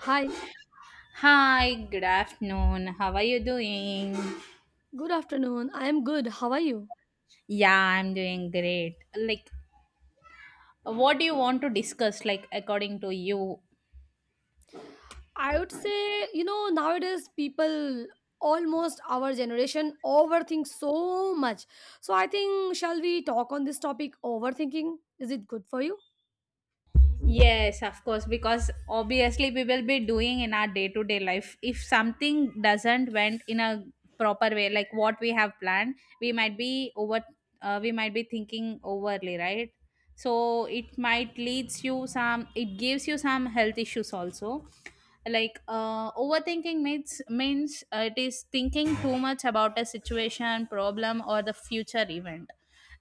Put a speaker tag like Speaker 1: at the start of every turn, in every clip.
Speaker 1: Hi,
Speaker 2: Hi, good afternoon. How are you doing?
Speaker 1: good afternoon. I am good. How are you?
Speaker 2: Yeah, I'm doing great. Like, what do you want to discuss, like, according to you?
Speaker 1: I would say, you know, nowadays people, almost our generation, overthink so much. So I think, shall we talk on this topic, overthinking? Is it good for you?
Speaker 2: Yes, of course, because obviously we will be doing in our day to day life. If something doesn't went in a proper way, like what we have planned, we might be over, we might be thinking overly, right? So it might leads you some, it gives you some health issues also. Overthinking means it is thinking too much about a situation, problem, or the future event.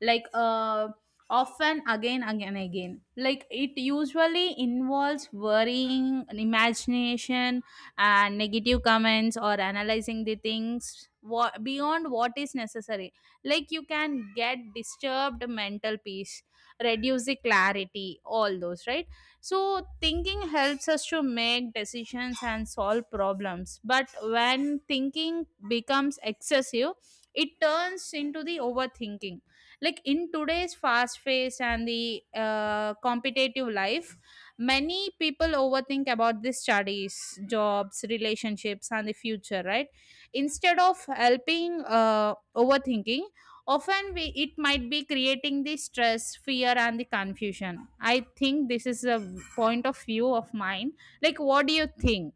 Speaker 2: Like uh, often again like it usually involves worrying imagination and negative comments or analyzing the things what, beyond what is necessary, like you can get disturbed mental peace, reduce the clarity, all those, right? So thinking helps us to make decisions and solve problems, but when thinking becomes excessive it turns into the overthinking. Like in today's fast pace and the competitive life, many people overthink about the studies, jobs, relationships and the future, right? Instead of helping, overthinking often it might be creating the stress, fear and the confusion. I think this is a point of view of mine. Like what do you think?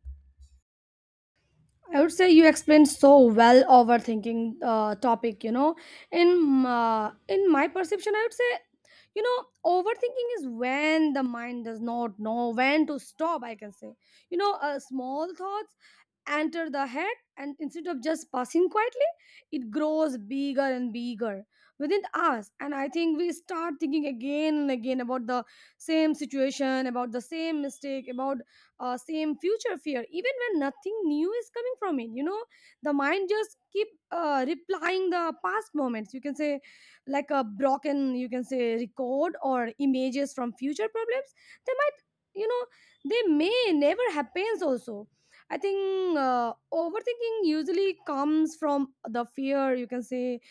Speaker 1: I would say you explained so well overthinking topic, you know. In my perception, I would say, you know, overthinking is when the mind does not know when to stop, I can say. You know, a small thoughts enter the head, and instead of just passing quietly, it grows bigger and bigger within us. And I think we start thinking again and again about the same situation, about the same mistake, about same future fear, even when nothing new is coming from it. You know, the mind just keep replying the past moments, you can say, like a broken, you can say, record, or images from future problems. They might, you know, they may never happens also. I think overthinking usually comes from the fear. You can say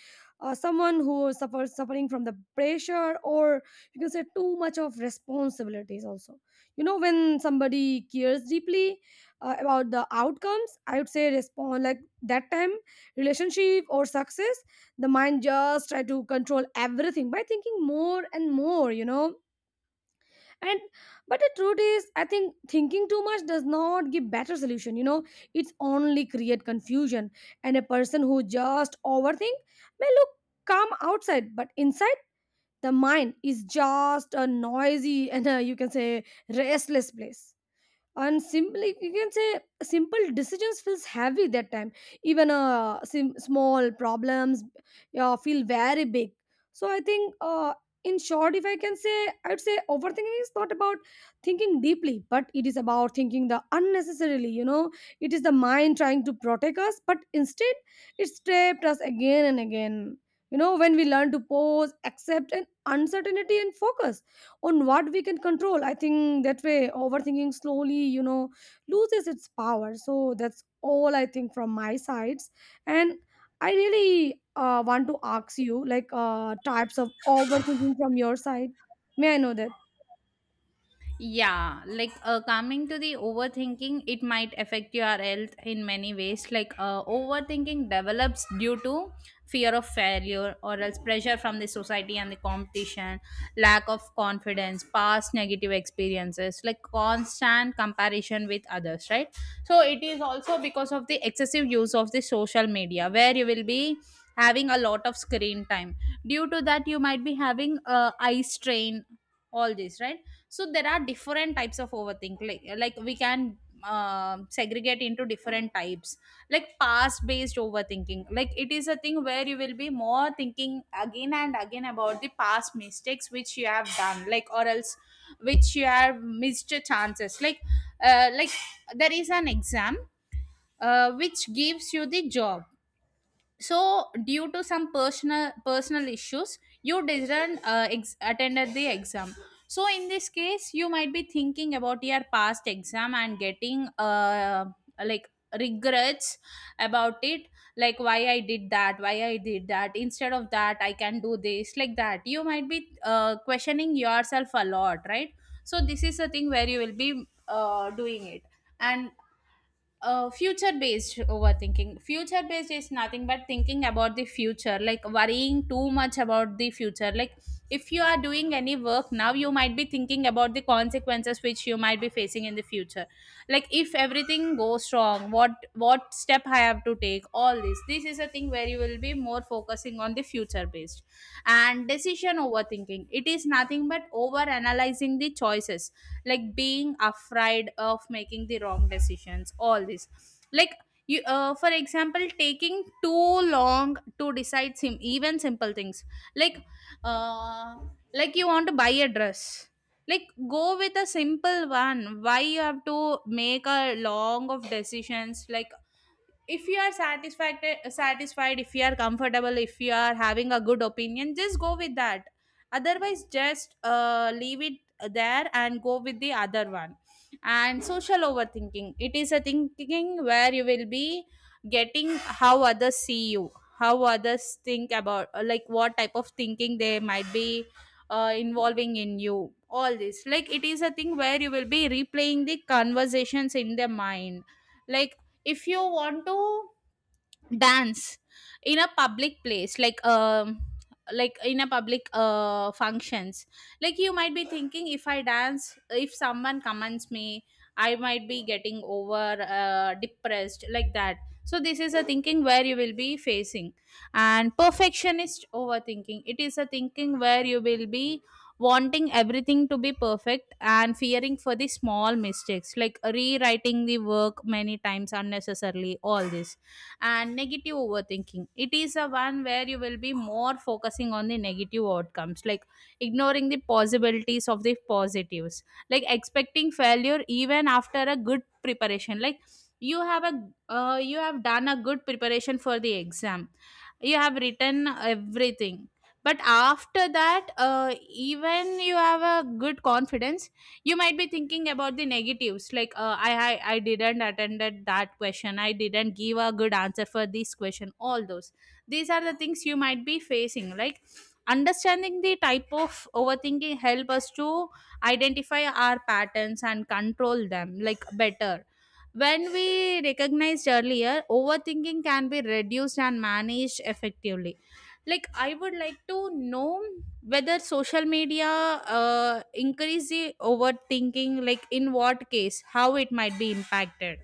Speaker 1: someone who suffers suffering from the pressure, or you can say too much of responsibilities. Also, you know, when somebody cares deeply about the outcomes, I would say respond like that time, relationship or success, the mind just try to control everything by thinking more and more. You know, and but the truth is, I think thinking too much does not give better solution. You know, it's only create confusion. And a person who just overthink may look calm outside, but inside the mind is just a noisy and, uh, you can say, restless place. And simply, you can say, simple decisions feels heavy that time. Even small problems feel very big. So I think, in short, if I can say, I would say overthinking is not about thinking deeply, but it is about thinking the unnecessarily. You know, it is the mind trying to protect us, but instead it trapped us again and again. You know, when we learn to pause, accept and uncertainty, and focus on what we can control, I think that way overthinking slowly, you know, loses its power. So that's all I think from my sides. And I really want to ask you, like, types of overthinking from your side. May I know that?
Speaker 2: Yeah, coming to the overthinking, it might affect your health in many ways. Overthinking develops due to fear of failure or else pressure from the society and the competition, lack of confidence, past negative experiences, like constant comparison with others, right? So it is also because of the excessive use of the social media where you will be having a lot of screen time. Due to that, you might be having eye strain, all this, right? So there are different types of overthink, like we can segregate into different types. Like past based overthinking, like it is a thing where you will be more thinking again and again about the past mistakes which you have done, like or else which you have missed chances. Like there is an exam, which gives you the job. So due to some personal issues you didn't attended the exam. So in this case you might be thinking about your past exam and getting like regrets about it. Like, why I did that, why I did that, instead of that I can do this, like that you might be questioning yourself a lot, right? So this is the thing where you will be doing it. And future based overthinking, future based is nothing but thinking about the future, like worrying too much about the future. Like if you are doing any work now, you might be thinking about the consequences which you might be facing in the future. Like if everything goes wrong, what step I have to take, all this, this is a thing where you will be more focusing on the future based. And decision overthinking, it is nothing but over analyzing the choices, like being afraid of making the wrong decisions, all this. Like you, for example, taking too long to decide even simple things. Like uh, like you want to buy a dress, like go with a simple one, why you have to make a long of decisions. Like if you are satisfied, if you are comfortable, if you are having a good opinion, just go with that, otherwise just leave it there and go with the other one. And social overthinking, it is a thinking where you will be getting how others see you, how others think about, like what type of thinking they might be involving in you, all this. Like it is a thing where you will be replaying the conversations in their mind. Like if you want to dance in a public place, like in a public functions. Like you might be thinking, if I dance, if someone comments me, I might be getting over depressed, like that. So this is a thinking where you will be facing. And perfectionist overthinking, it is a thinking where you will be wanting everything to be perfect and fearing for the small mistakes, like rewriting the work many times unnecessarily, all this. And negative overthinking, it is a one where you will be more focusing on the negative outcomes, like ignoring the possibilities of the positives, like expecting failure even after a good preparation. Like you have a, you have done a good preparation for the exam, you have written everything, but after that, even you have a good confidence, you might be thinking about the negatives. Like I didn't attended that question, I didn't give a good answer for this question, all those, these are the things you might be facing. Like understanding the type of overthinking help us to identify our patterns and control them like better. When we recognized earlier, overthinking can be reduced and managed effectively. Like I would like to know whether social media increase the overthinking, like in what case, how it might be impacted.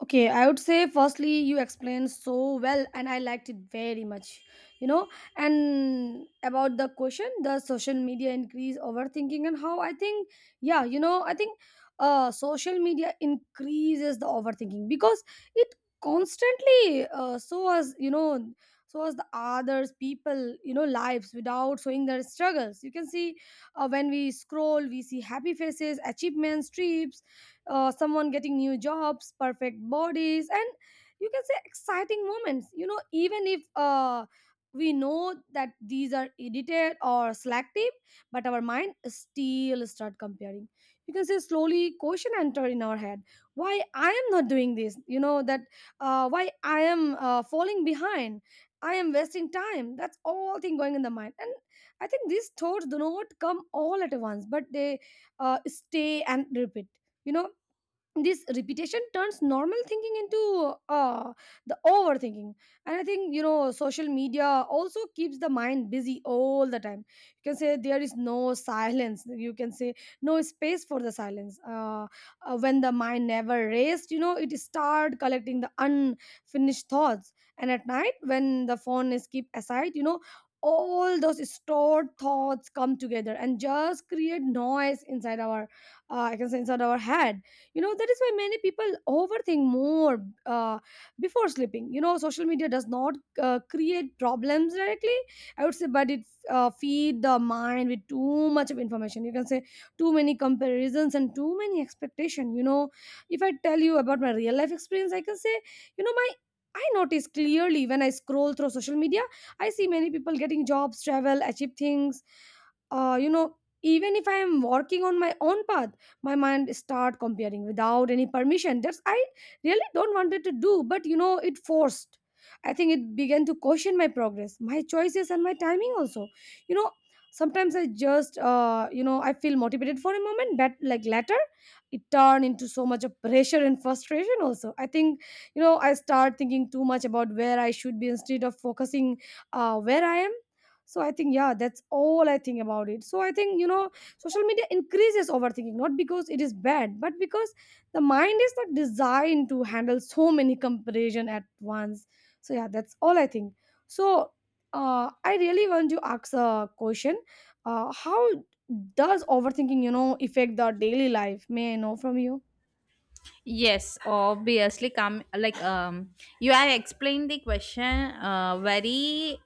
Speaker 1: Okay, I would say firstly you explained so well and I liked it very much. You know, and about the question, the social media increase overthinking and how, I think, yeah, you know, I think uh, social media increases the overthinking because it constantly, uh, so as you know, so as the others people, you know, lives without showing their struggles, you can see. Uh, when we scroll, we see happy faces, achievements, trips, someone getting new jobs, perfect bodies, and, you can say, exciting moments. You know, even if we know that these are edited or selective, but our mind still start comparing. You can say slowly question enter in our head. Why I am not doing this? You know that, why I am falling behind? I am wasting time. That's all thing going in the mind. And I think these thoughts do not come all at once, but they stay and repeat. You know, this repetition turns normal thinking into, the overthinking. And I think, you know, social media also keeps the mind busy all the time. You can say there is no silence, you can say no space for the silence. Uh, when the mind never rests, you know, it start collecting the unfinished thoughts. And at night, when the phone is kept aside, you know, all those stored thoughts come together and just create noise inside our, I can say, inside our head. You know, that is why many people overthink more, uh, before sleeping. You know, social media does not create problems directly, I would say. But it feed the mind with too much of information, you can say, too many comparisons and too many expectation. You know, if I tell you about my real life experience, I can say, you know, my, I notice clearly when I scroll through social media, I see many people getting jobs, travel, achieve things, you know, even if I am working on my own path, my mind start comparing without any permission. That's I really don't wanted to do, but you know, it forced. I think it began to question my progress, my choices and my timing also. You know, sometimes I just, you know, I feel motivated for a moment, but like later it turned into so much of pressure and frustration also, I think. You know, I start thinking too much about where I should be instead of focusing where I am. So I think, yeah, that's all I think about it. So I think, you know, social media increases overthinking not because it is bad, but because the mind is not designed to handle so many comparison at once. So yeah, that's all I think. So I really want to ask a question. How does overthinking, you know, affect the daily life? May I know from you?
Speaker 2: Yes, obviously come like you have explained the question very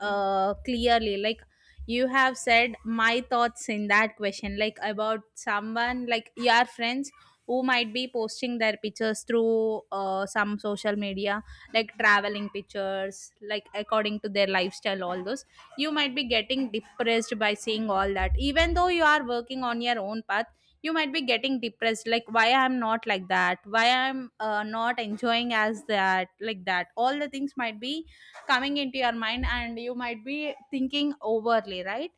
Speaker 2: clearly. Like you have said my thoughts in that question, like about someone like your friends who might be posting their pictures through some social media, like traveling pictures, like according to their lifestyle, all those, you might be getting depressed by seeing all that, even though you are working on your own path. You might be getting depressed, like why I'm not like that, why I'm not enjoying as that, like that all the things might be coming into your mind and you might be thinking overly, right?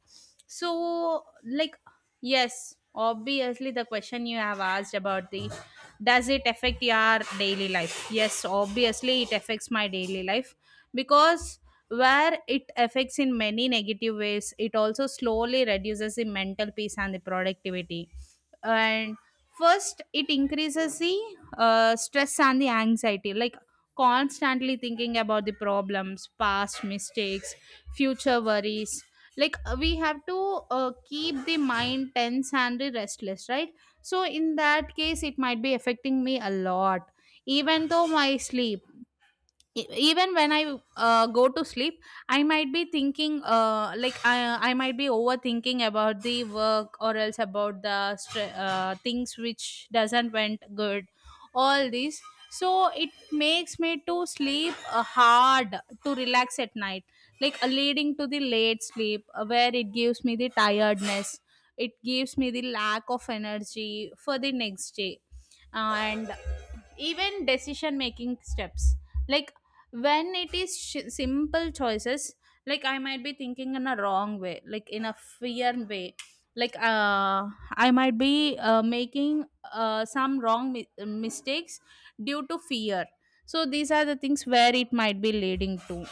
Speaker 2: So, like, yes, obviously the question you have asked about, the does it affect your daily life, yes, obviously it affects my daily life, because where it affects in many negative ways, it also slowly reduces the mental peace and the productivity. And first it increases the stress and the anxiety, like constantly thinking about the problems, past mistakes, future worries. Like we have to keep the mind tense and the restless, right? So in that case it might be affecting me a lot. Even though my sleep, even when I go to sleep, I might be thinking like I might be overthinking about the work or else about the things which doesn't went good, all this. So it makes me to sleep hard to relax at night, like leading to the late sleep, where it gives me the tiredness, it gives me the lack of energy for the next day. And even decision making steps, like when it is simple choices, like I might be thinking in a wrong way, like in a fear way, like I might be making some wrong mistakes due to fear. So these are the things where it might be leading to.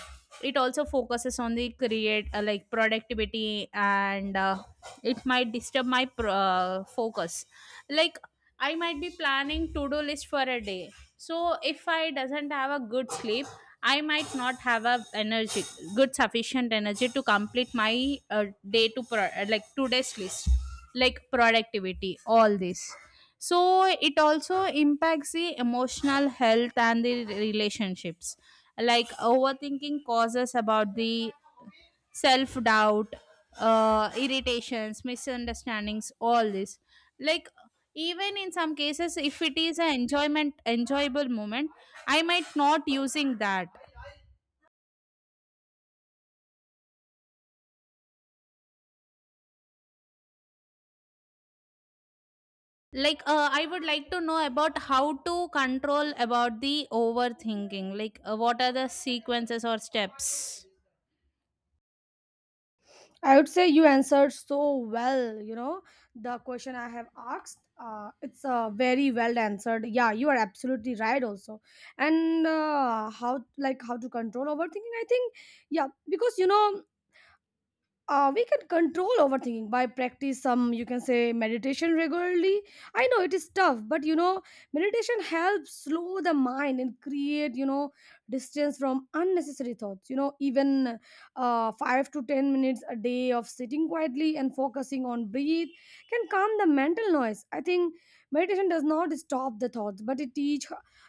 Speaker 2: It also focuses on the create like productivity, and it might disturb my focus. Like I might be planning to do list for a day. So if I doesn't have a good sleep, I might not have a energy, good sufficient energy to complete my day to like today's list, like productivity, all this. So it also impacts the emotional health and the relationships. Like overthinking causes about the self doubt, irritations, misunderstandings, all this. Like even in some cases, if it is an enjoyment, enjoyable moment, I might not using that. Like, I would like to know about how to control about the overthinking. Like, what are the sequences or steps?
Speaker 1: I would say you answered so well. You know, the question I have asked, it's very well answered. Yeah, you are absolutely right also. And how, like, how to control overthinking? I think yeah, because you know, we can control overthinking by practice some, you can say, meditation regularly. I know it is tough, but you know, meditation helps slow the mind and create, you know, distance from unnecessary thoughts. You know, even 5 to 10 minutes a day of sitting quietly and focusing on breathe can calm the mental noise. I think meditation does not stop the thoughts, but it teach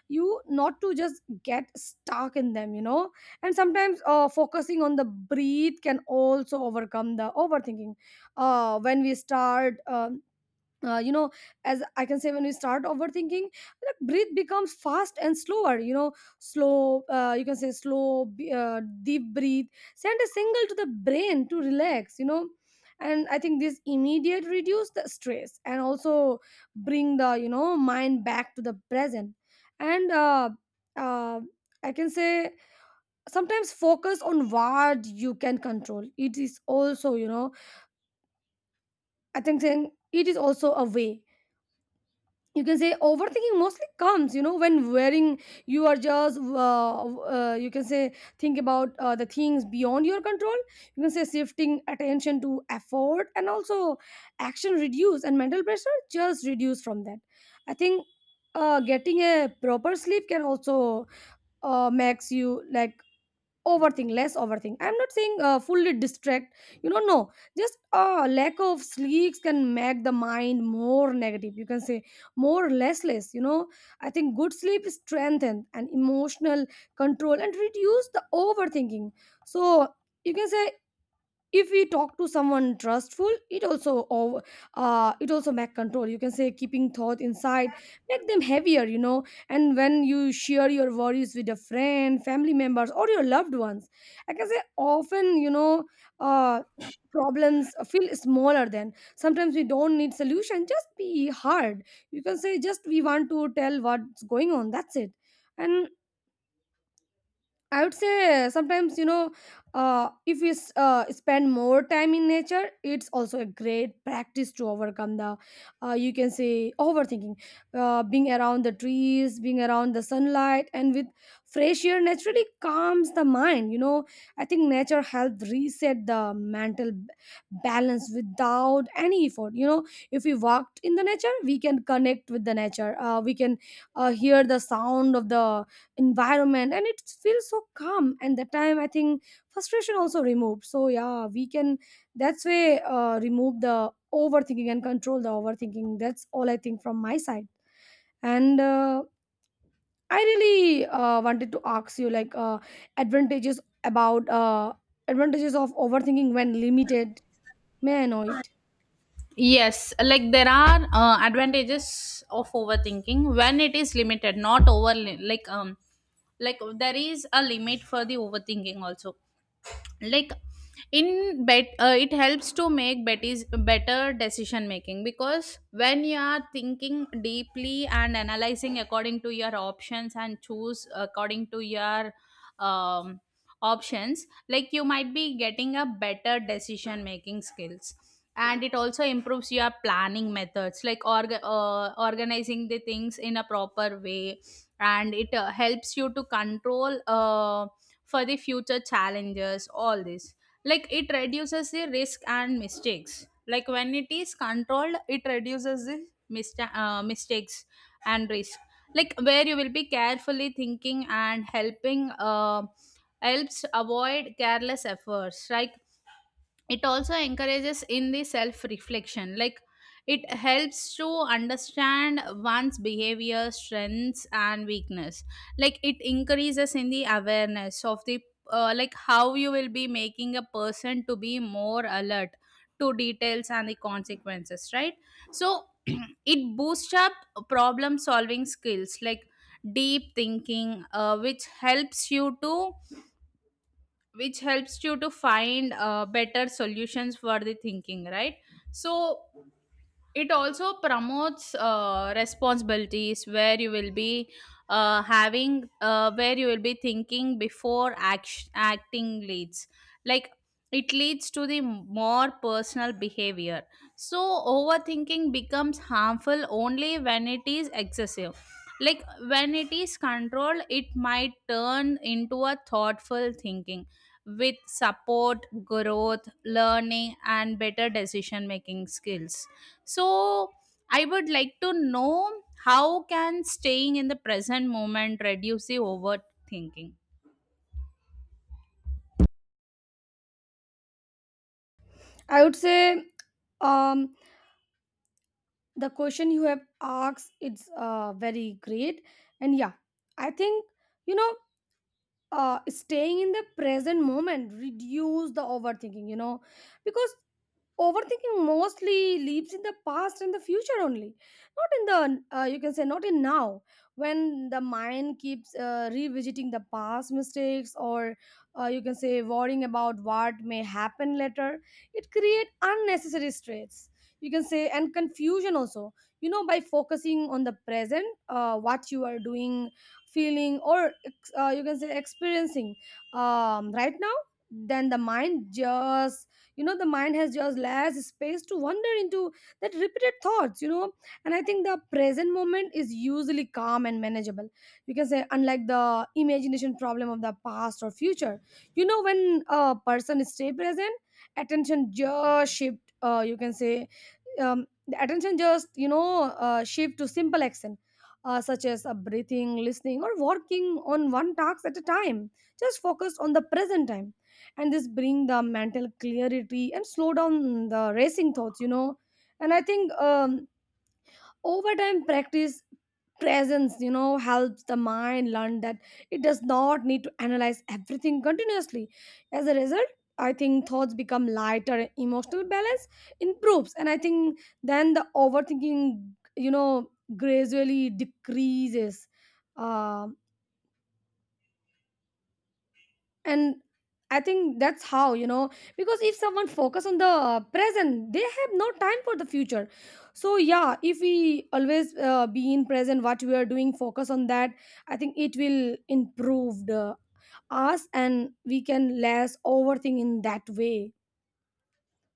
Speaker 1: you not to just get stuck in them. You know, and sometimes focusing on the breathe can also overcome the overthinking. When we start You know, as I can say, when we start overthinking, like, breathe becomes fast and slower. You know, slow you can say slow deep breathe send a signal to the brain to relax. You know, and I think this immediate reduce the stress and also bring the, you know, mind back to the present. And uh, I can say sometimes focus on what you can control, it is also, you know, I think saying it is also a way. You can say overthinking mostly comes, you know, when wearing you are just you can say think about the things beyond your control. You can say shifting attention to effort and also action reduce and mental pressure just reduce from that. I think getting a proper sleep can also makes you like overthink less overthink. I'm not saying fully distract, you know, no. Just lack of sleeps can make the mind more negative, you can say, more restless. You know, I think good sleep strengthens and emotional control and reduce the overthinking. So, you can say, if we talk to someone trustful, it also over, uh, it also back control. You can say keeping thought inside make them heavier. You know, and when you share your worries with a friend, family members, or your loved ones, I can say often, you know, uh problems feel smaller. Then sometimes we don't need solution, just be hard. You can say just we want to tell what's going on, that's it. And I would say sometimes, you know, if we spend more time in nature, it's also a great practice to overcome the, you can say, overthinking. Being around the trees, being around the sunlight, and with fresh air naturally calms the mind. You know, I think nature helps reset the mental balance without any effort. You know, if we walked in the nature, we can connect with the nature. We can hear the sound of the environment, and it feels so calm. And the time, I think, frustration also removed. So yeah, we can, that's way, remove the overthinking and control the overthinking. That's all I think from my side. And I really wanted to ask you, like, advantages about, advantages of overthinking when limited. May I know it?
Speaker 2: Yes, like there are advantages of overthinking when it is limited, not over, like there is a limit for the overthinking also. Like in bet it helps to make betty's better decision making, because when you are thinking deeply and analyzing according to your options and choose according to your um, options, like you might be getting a better decision making skills. And it also improves your planning methods, like organizing the things in a proper way. And it helps you to control for the future challenges, all this. Like, it reduces the risk and mistakes, like when it is controlled it reduces the mistakes and risk, like where you will be carefully thinking and helping helps avoid careless efforts. Like, it also encourages in the self reflection. Like, it helps to understand one's behavior, strengths and weakness. Like, it increases in the awareness of the like how you will be making a person to be more alert to details and the consequences, right? So it boosts up problem solving skills, like deep thinking, which helps you to find better solutions for the thinking, right? So it also promotes responsibilities, where you will be having where you will be thinking before acting leads, like it leads to the more personal behavior. So overthinking becomes harmful only when it is excessive. Like, when it is controlled, it might turn into a thoughtful thinking with support, growth, learning and better decision making skills. So I would like to know, how can staying in the present moment reduce the overthinking?
Speaker 1: I would say, um, the question you have asked, it's very great. And yeah, I think, you know, staying in the present moment reduce the overthinking. You know, because overthinking mostly lives in the past and the future only, not in the, you can say, not in now. When the mind keeps revisiting the past mistakes, or you can say worrying about what may happen later, it creates unnecessary stress. You can say, and confusion also. You know, by focusing on the present, what you are doing, feeling, or you can say experiencing right now, then the mind has just less space to wander into that repeated thoughts. And I think the present moment is usually calm and manageable, you can say, unlike the imagination problem of the past or future. You know, when a person stay present, attention just shift, you can say, the attention just shift to simple action, such as breathing, listening, or working on one task at a time. Just focus on the present time, and this bring the mental clarity and slow down the racing thoughts. And I think, over time, practice presence, you know, helps the mind learn that it does not need to analyze everything continuously. As a result, I think thoughts become lighter, emotional balance improves, and I think then the overthinking gradually decreases. Um and I think that's how, because if someone focus on the present, they have no time for the future. So yeah, if we always be in present, what we are doing, focus on that, I think it will improve the us and we can less overthink in that way.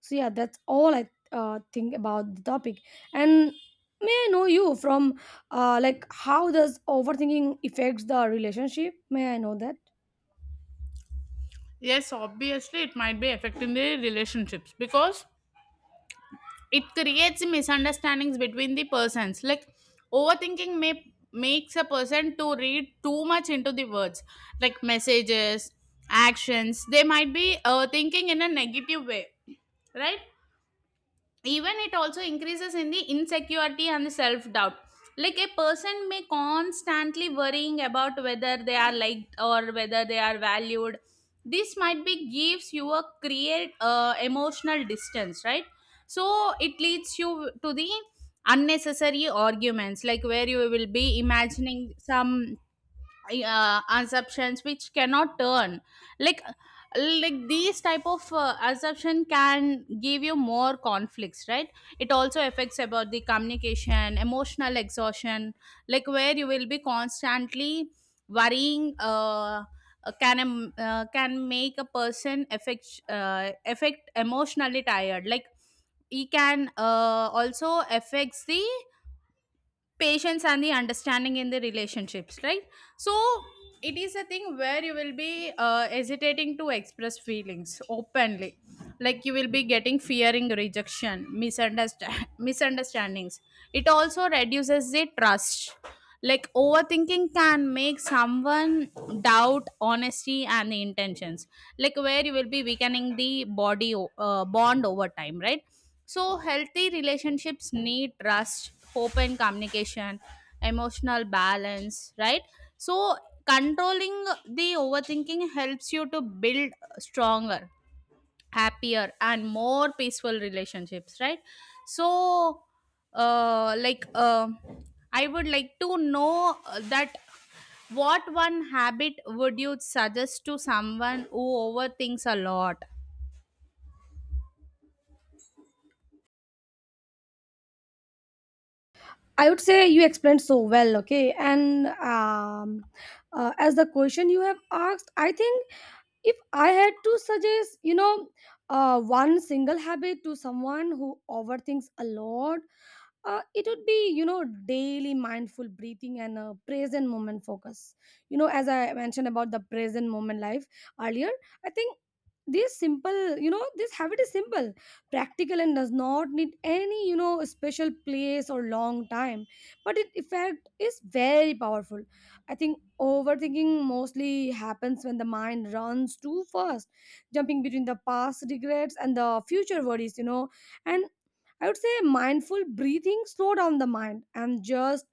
Speaker 1: So yeah, that's all I think about the topic. And may I know you from, like, how does overthinking affects the relationship? May I know that?
Speaker 2: Yes, obviously, it might be affecting the relationships, because it creates misunderstandings between the persons. Like, overthinking may makes a person to read too much into the words, like messages, actions. They might be thinking in a negative way, right? Even it also increases in the insecurity and the self doubt, like a person may constantly worrying about whether they are liked or whether they are valued. This might be gives you a create emotional distance, right? So it leads you to the unnecessary arguments, like where you will be imagining some assumptions which cannot turn, like like these type of assumption can give you more conflicts, right? It also affects about the communication, emotional exhaustion, like where you will be constantly worrying can can make a person affect emotionally tired. Like, he can also affects the patience and the understanding in the relationships, right? So it is a thing where you will be hesitating to express feelings openly, like you will be getting fearing rejection misunderstand misunderstandings. It also reduces the trust, like overthinking can make someone doubt honesty and the intentions, like where you will be weakening the bond over time, right? So healthy relationships need trust, hope and communication, emotional balance, right? So controlling the overthinking helps you to build stronger, happier and more peaceful relationships, right? So uh like um I would like to know that what one habit would you suggest to someone who overthinks a lot?
Speaker 1: I would say you explained so well, okay. And as the question you have asked, I think if I had to suggest, you know, one single habit to someone who overthinks a lot, it would be, you know, daily mindful breathing and a present moment focus. You know, as I mentioned about the present moment life earlier, I think this simple you know this habit is simple, practical, and does not need any, you know, special place or long time, but it effect is very powerful. I think overthinking mostly happens when the mind runs too fast, jumping between the past regrets and the future worries. You know, and I would say mindful breathing, slow down the mind, and just,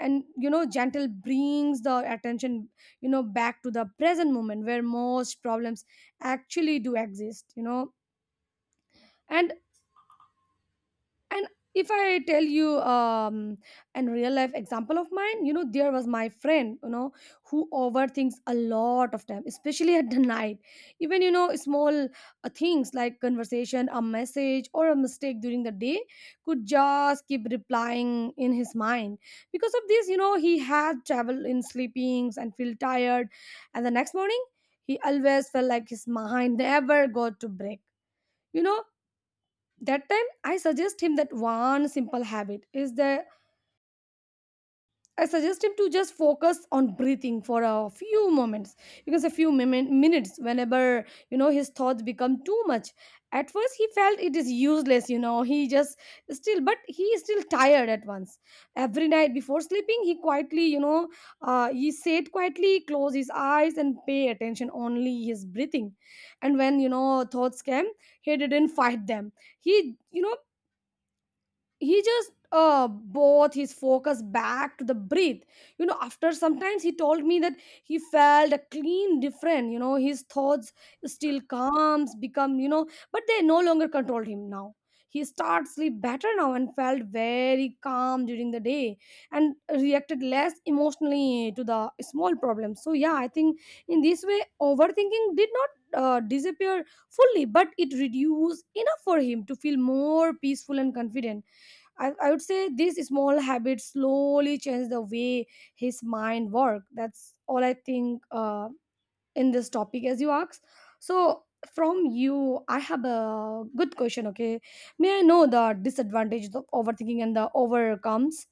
Speaker 1: and you know, gentle brings the attention, you know, back to the present moment where most problems actually do exist. You know, and and if I tell you, and real life example of mine, you know, there was my friend, you know, who overthinks a lot of time, especially at the night. Even, you know, small things like conversation, a message, or a mistake during the day could just keep replying in his mind. Because of this, you know, he had traveled in sleepings and feel tired, and the next morning he always felt like his mind never got to break, you know. That time I suggest him that one simple habit is that I suggest him to just focus on breathing for a few moments, because a few minutes whenever, you know, his thoughts become too much. At first he felt it is useless, you know, he just still, but he is still tired at once. Every night before sleeping, he quietly, he sat quietly, close his eyes, and pay attention only his breathing. And when, you know, thoughts came, he didn't fight them. He, you know, he just both his focus back to the breath. You know, after sometimes he told me that he felt a clean different, you know, his thoughts still calms become, you know, but they no longer controlled him now. He starts sleep better now and felt very calm during the day, and reacted less emotionally to the small problems. So yeah, I think in this way overthinking did not disappear fully, but it reduced enough for him to feel more peaceful and confident. I would say these small habits slowly change the way his mind work. That's all I think, in this topic as you asked. So from you, I have a good question. Okay, may I know the disadvantages of overthinking and the overcomes?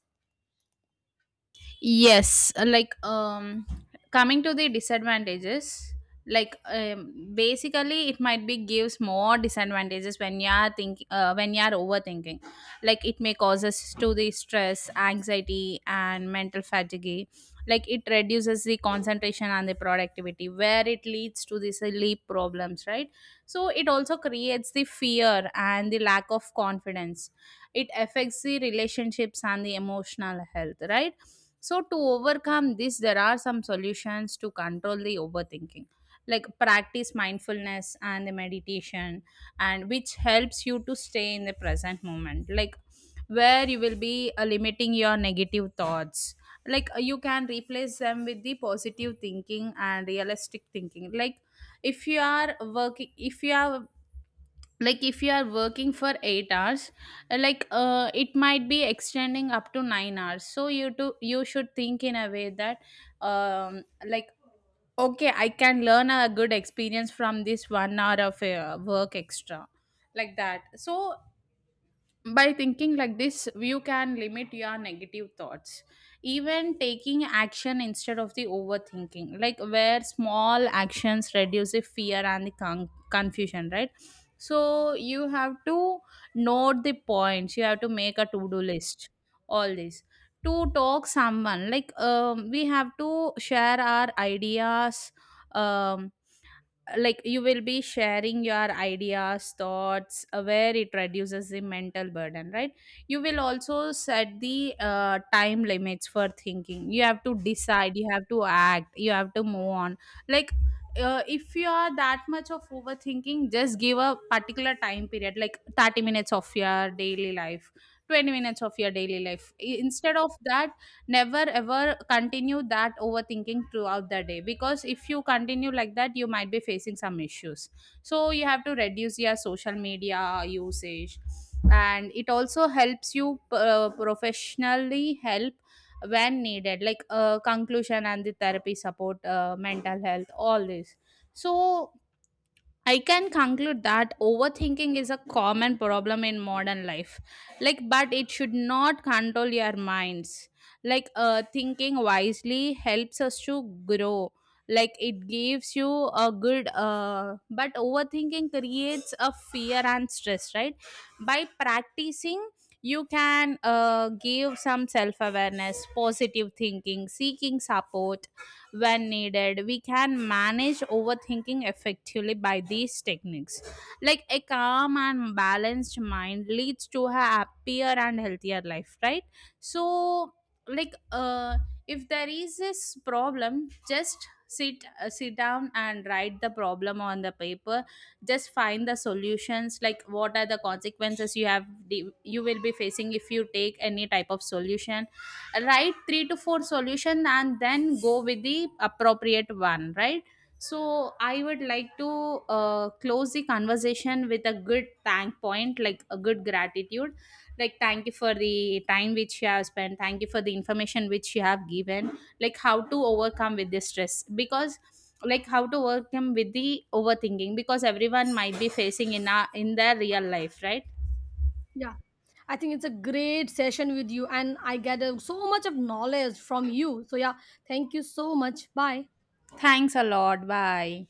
Speaker 2: Yes, coming to the disadvantages, like basically it might be gives more disadvantages when you are thinking when you are overthinking. Like, it may cause us to the stress, anxiety and mental fatigue. Like, it reduces the concentration and the productivity, where it leads to the sleep problems, right? So it also creates the fear and the lack of confidence. It affects the relationships and the emotional health, right? So, to overcome this, there are some solutions to control the overthinking, like practice mindfulness and the meditation, and which helps you to stay in the present moment, like where you will be limiting your negative thoughts. Like, you can replace them with the positive thinking and realistic thinking. Like, if you are working, if you are like if you are working for 8 hours, it might be extending up to 9 hours, so you should think in a way that um like okay, I can learn a good experience from this 1 hour of work extra, like that. So by thinking like this, you can limit your negative thoughts. Even taking action instead of the overthinking, like where small actions reduce the fear and the confusion, right? So you have to note the points, you have to make a to-do list, all this. To talk someone, like we have to share our ideas, um, like you will be sharing your ideas, thoughts, where it reduces the mental burden, right? You will also set the time limits for thinking. You have to decide, you have to act, you have to move on. Like, if you are that much of overthinking, just give a particular time period, like 30 minutes of your daily life, 20 minutes of your daily life instead of that. Never ever continue that overthinking throughout the day, because if you continue like that you might be facing some issues. So you have to reduce your social media usage. And it also helps you professionally help when needed, like conclusion and the therapy support, mental health, all this. So I can conclude that overthinking is a common problem in modern life. Like, but it should not control your minds. Like, thinking wisely helps us to grow. Like, it gives you a good, but overthinking creates a fear and stress, right? By practicing, you can give some self awareness, positive thinking, seeking support when needed. We can manage overthinking effectively by these techniques. Like a calm and balanced mind leads to a happier and healthier life, right? So, like, if there is this problem, just sit down and write the problem on the paper. Just find the solutions, like what are the consequences you will be facing if you take any type of solution. Write three to four solution and then go with the appropriate one, right? So I would like to close the conversation with a good thank point, like a good gratitude. Like, thank you for the time which you have spent, thank you for the information which you have given, like how to overcome with the stress, because like how to overcome with the overthinking, because everyone might be facing in their real life, right?
Speaker 1: Yeah, I think it's a great session with you, and I get so much of knowledge from you. So yeah, thank you so much. Bye.
Speaker 2: Thanks a lot, bye.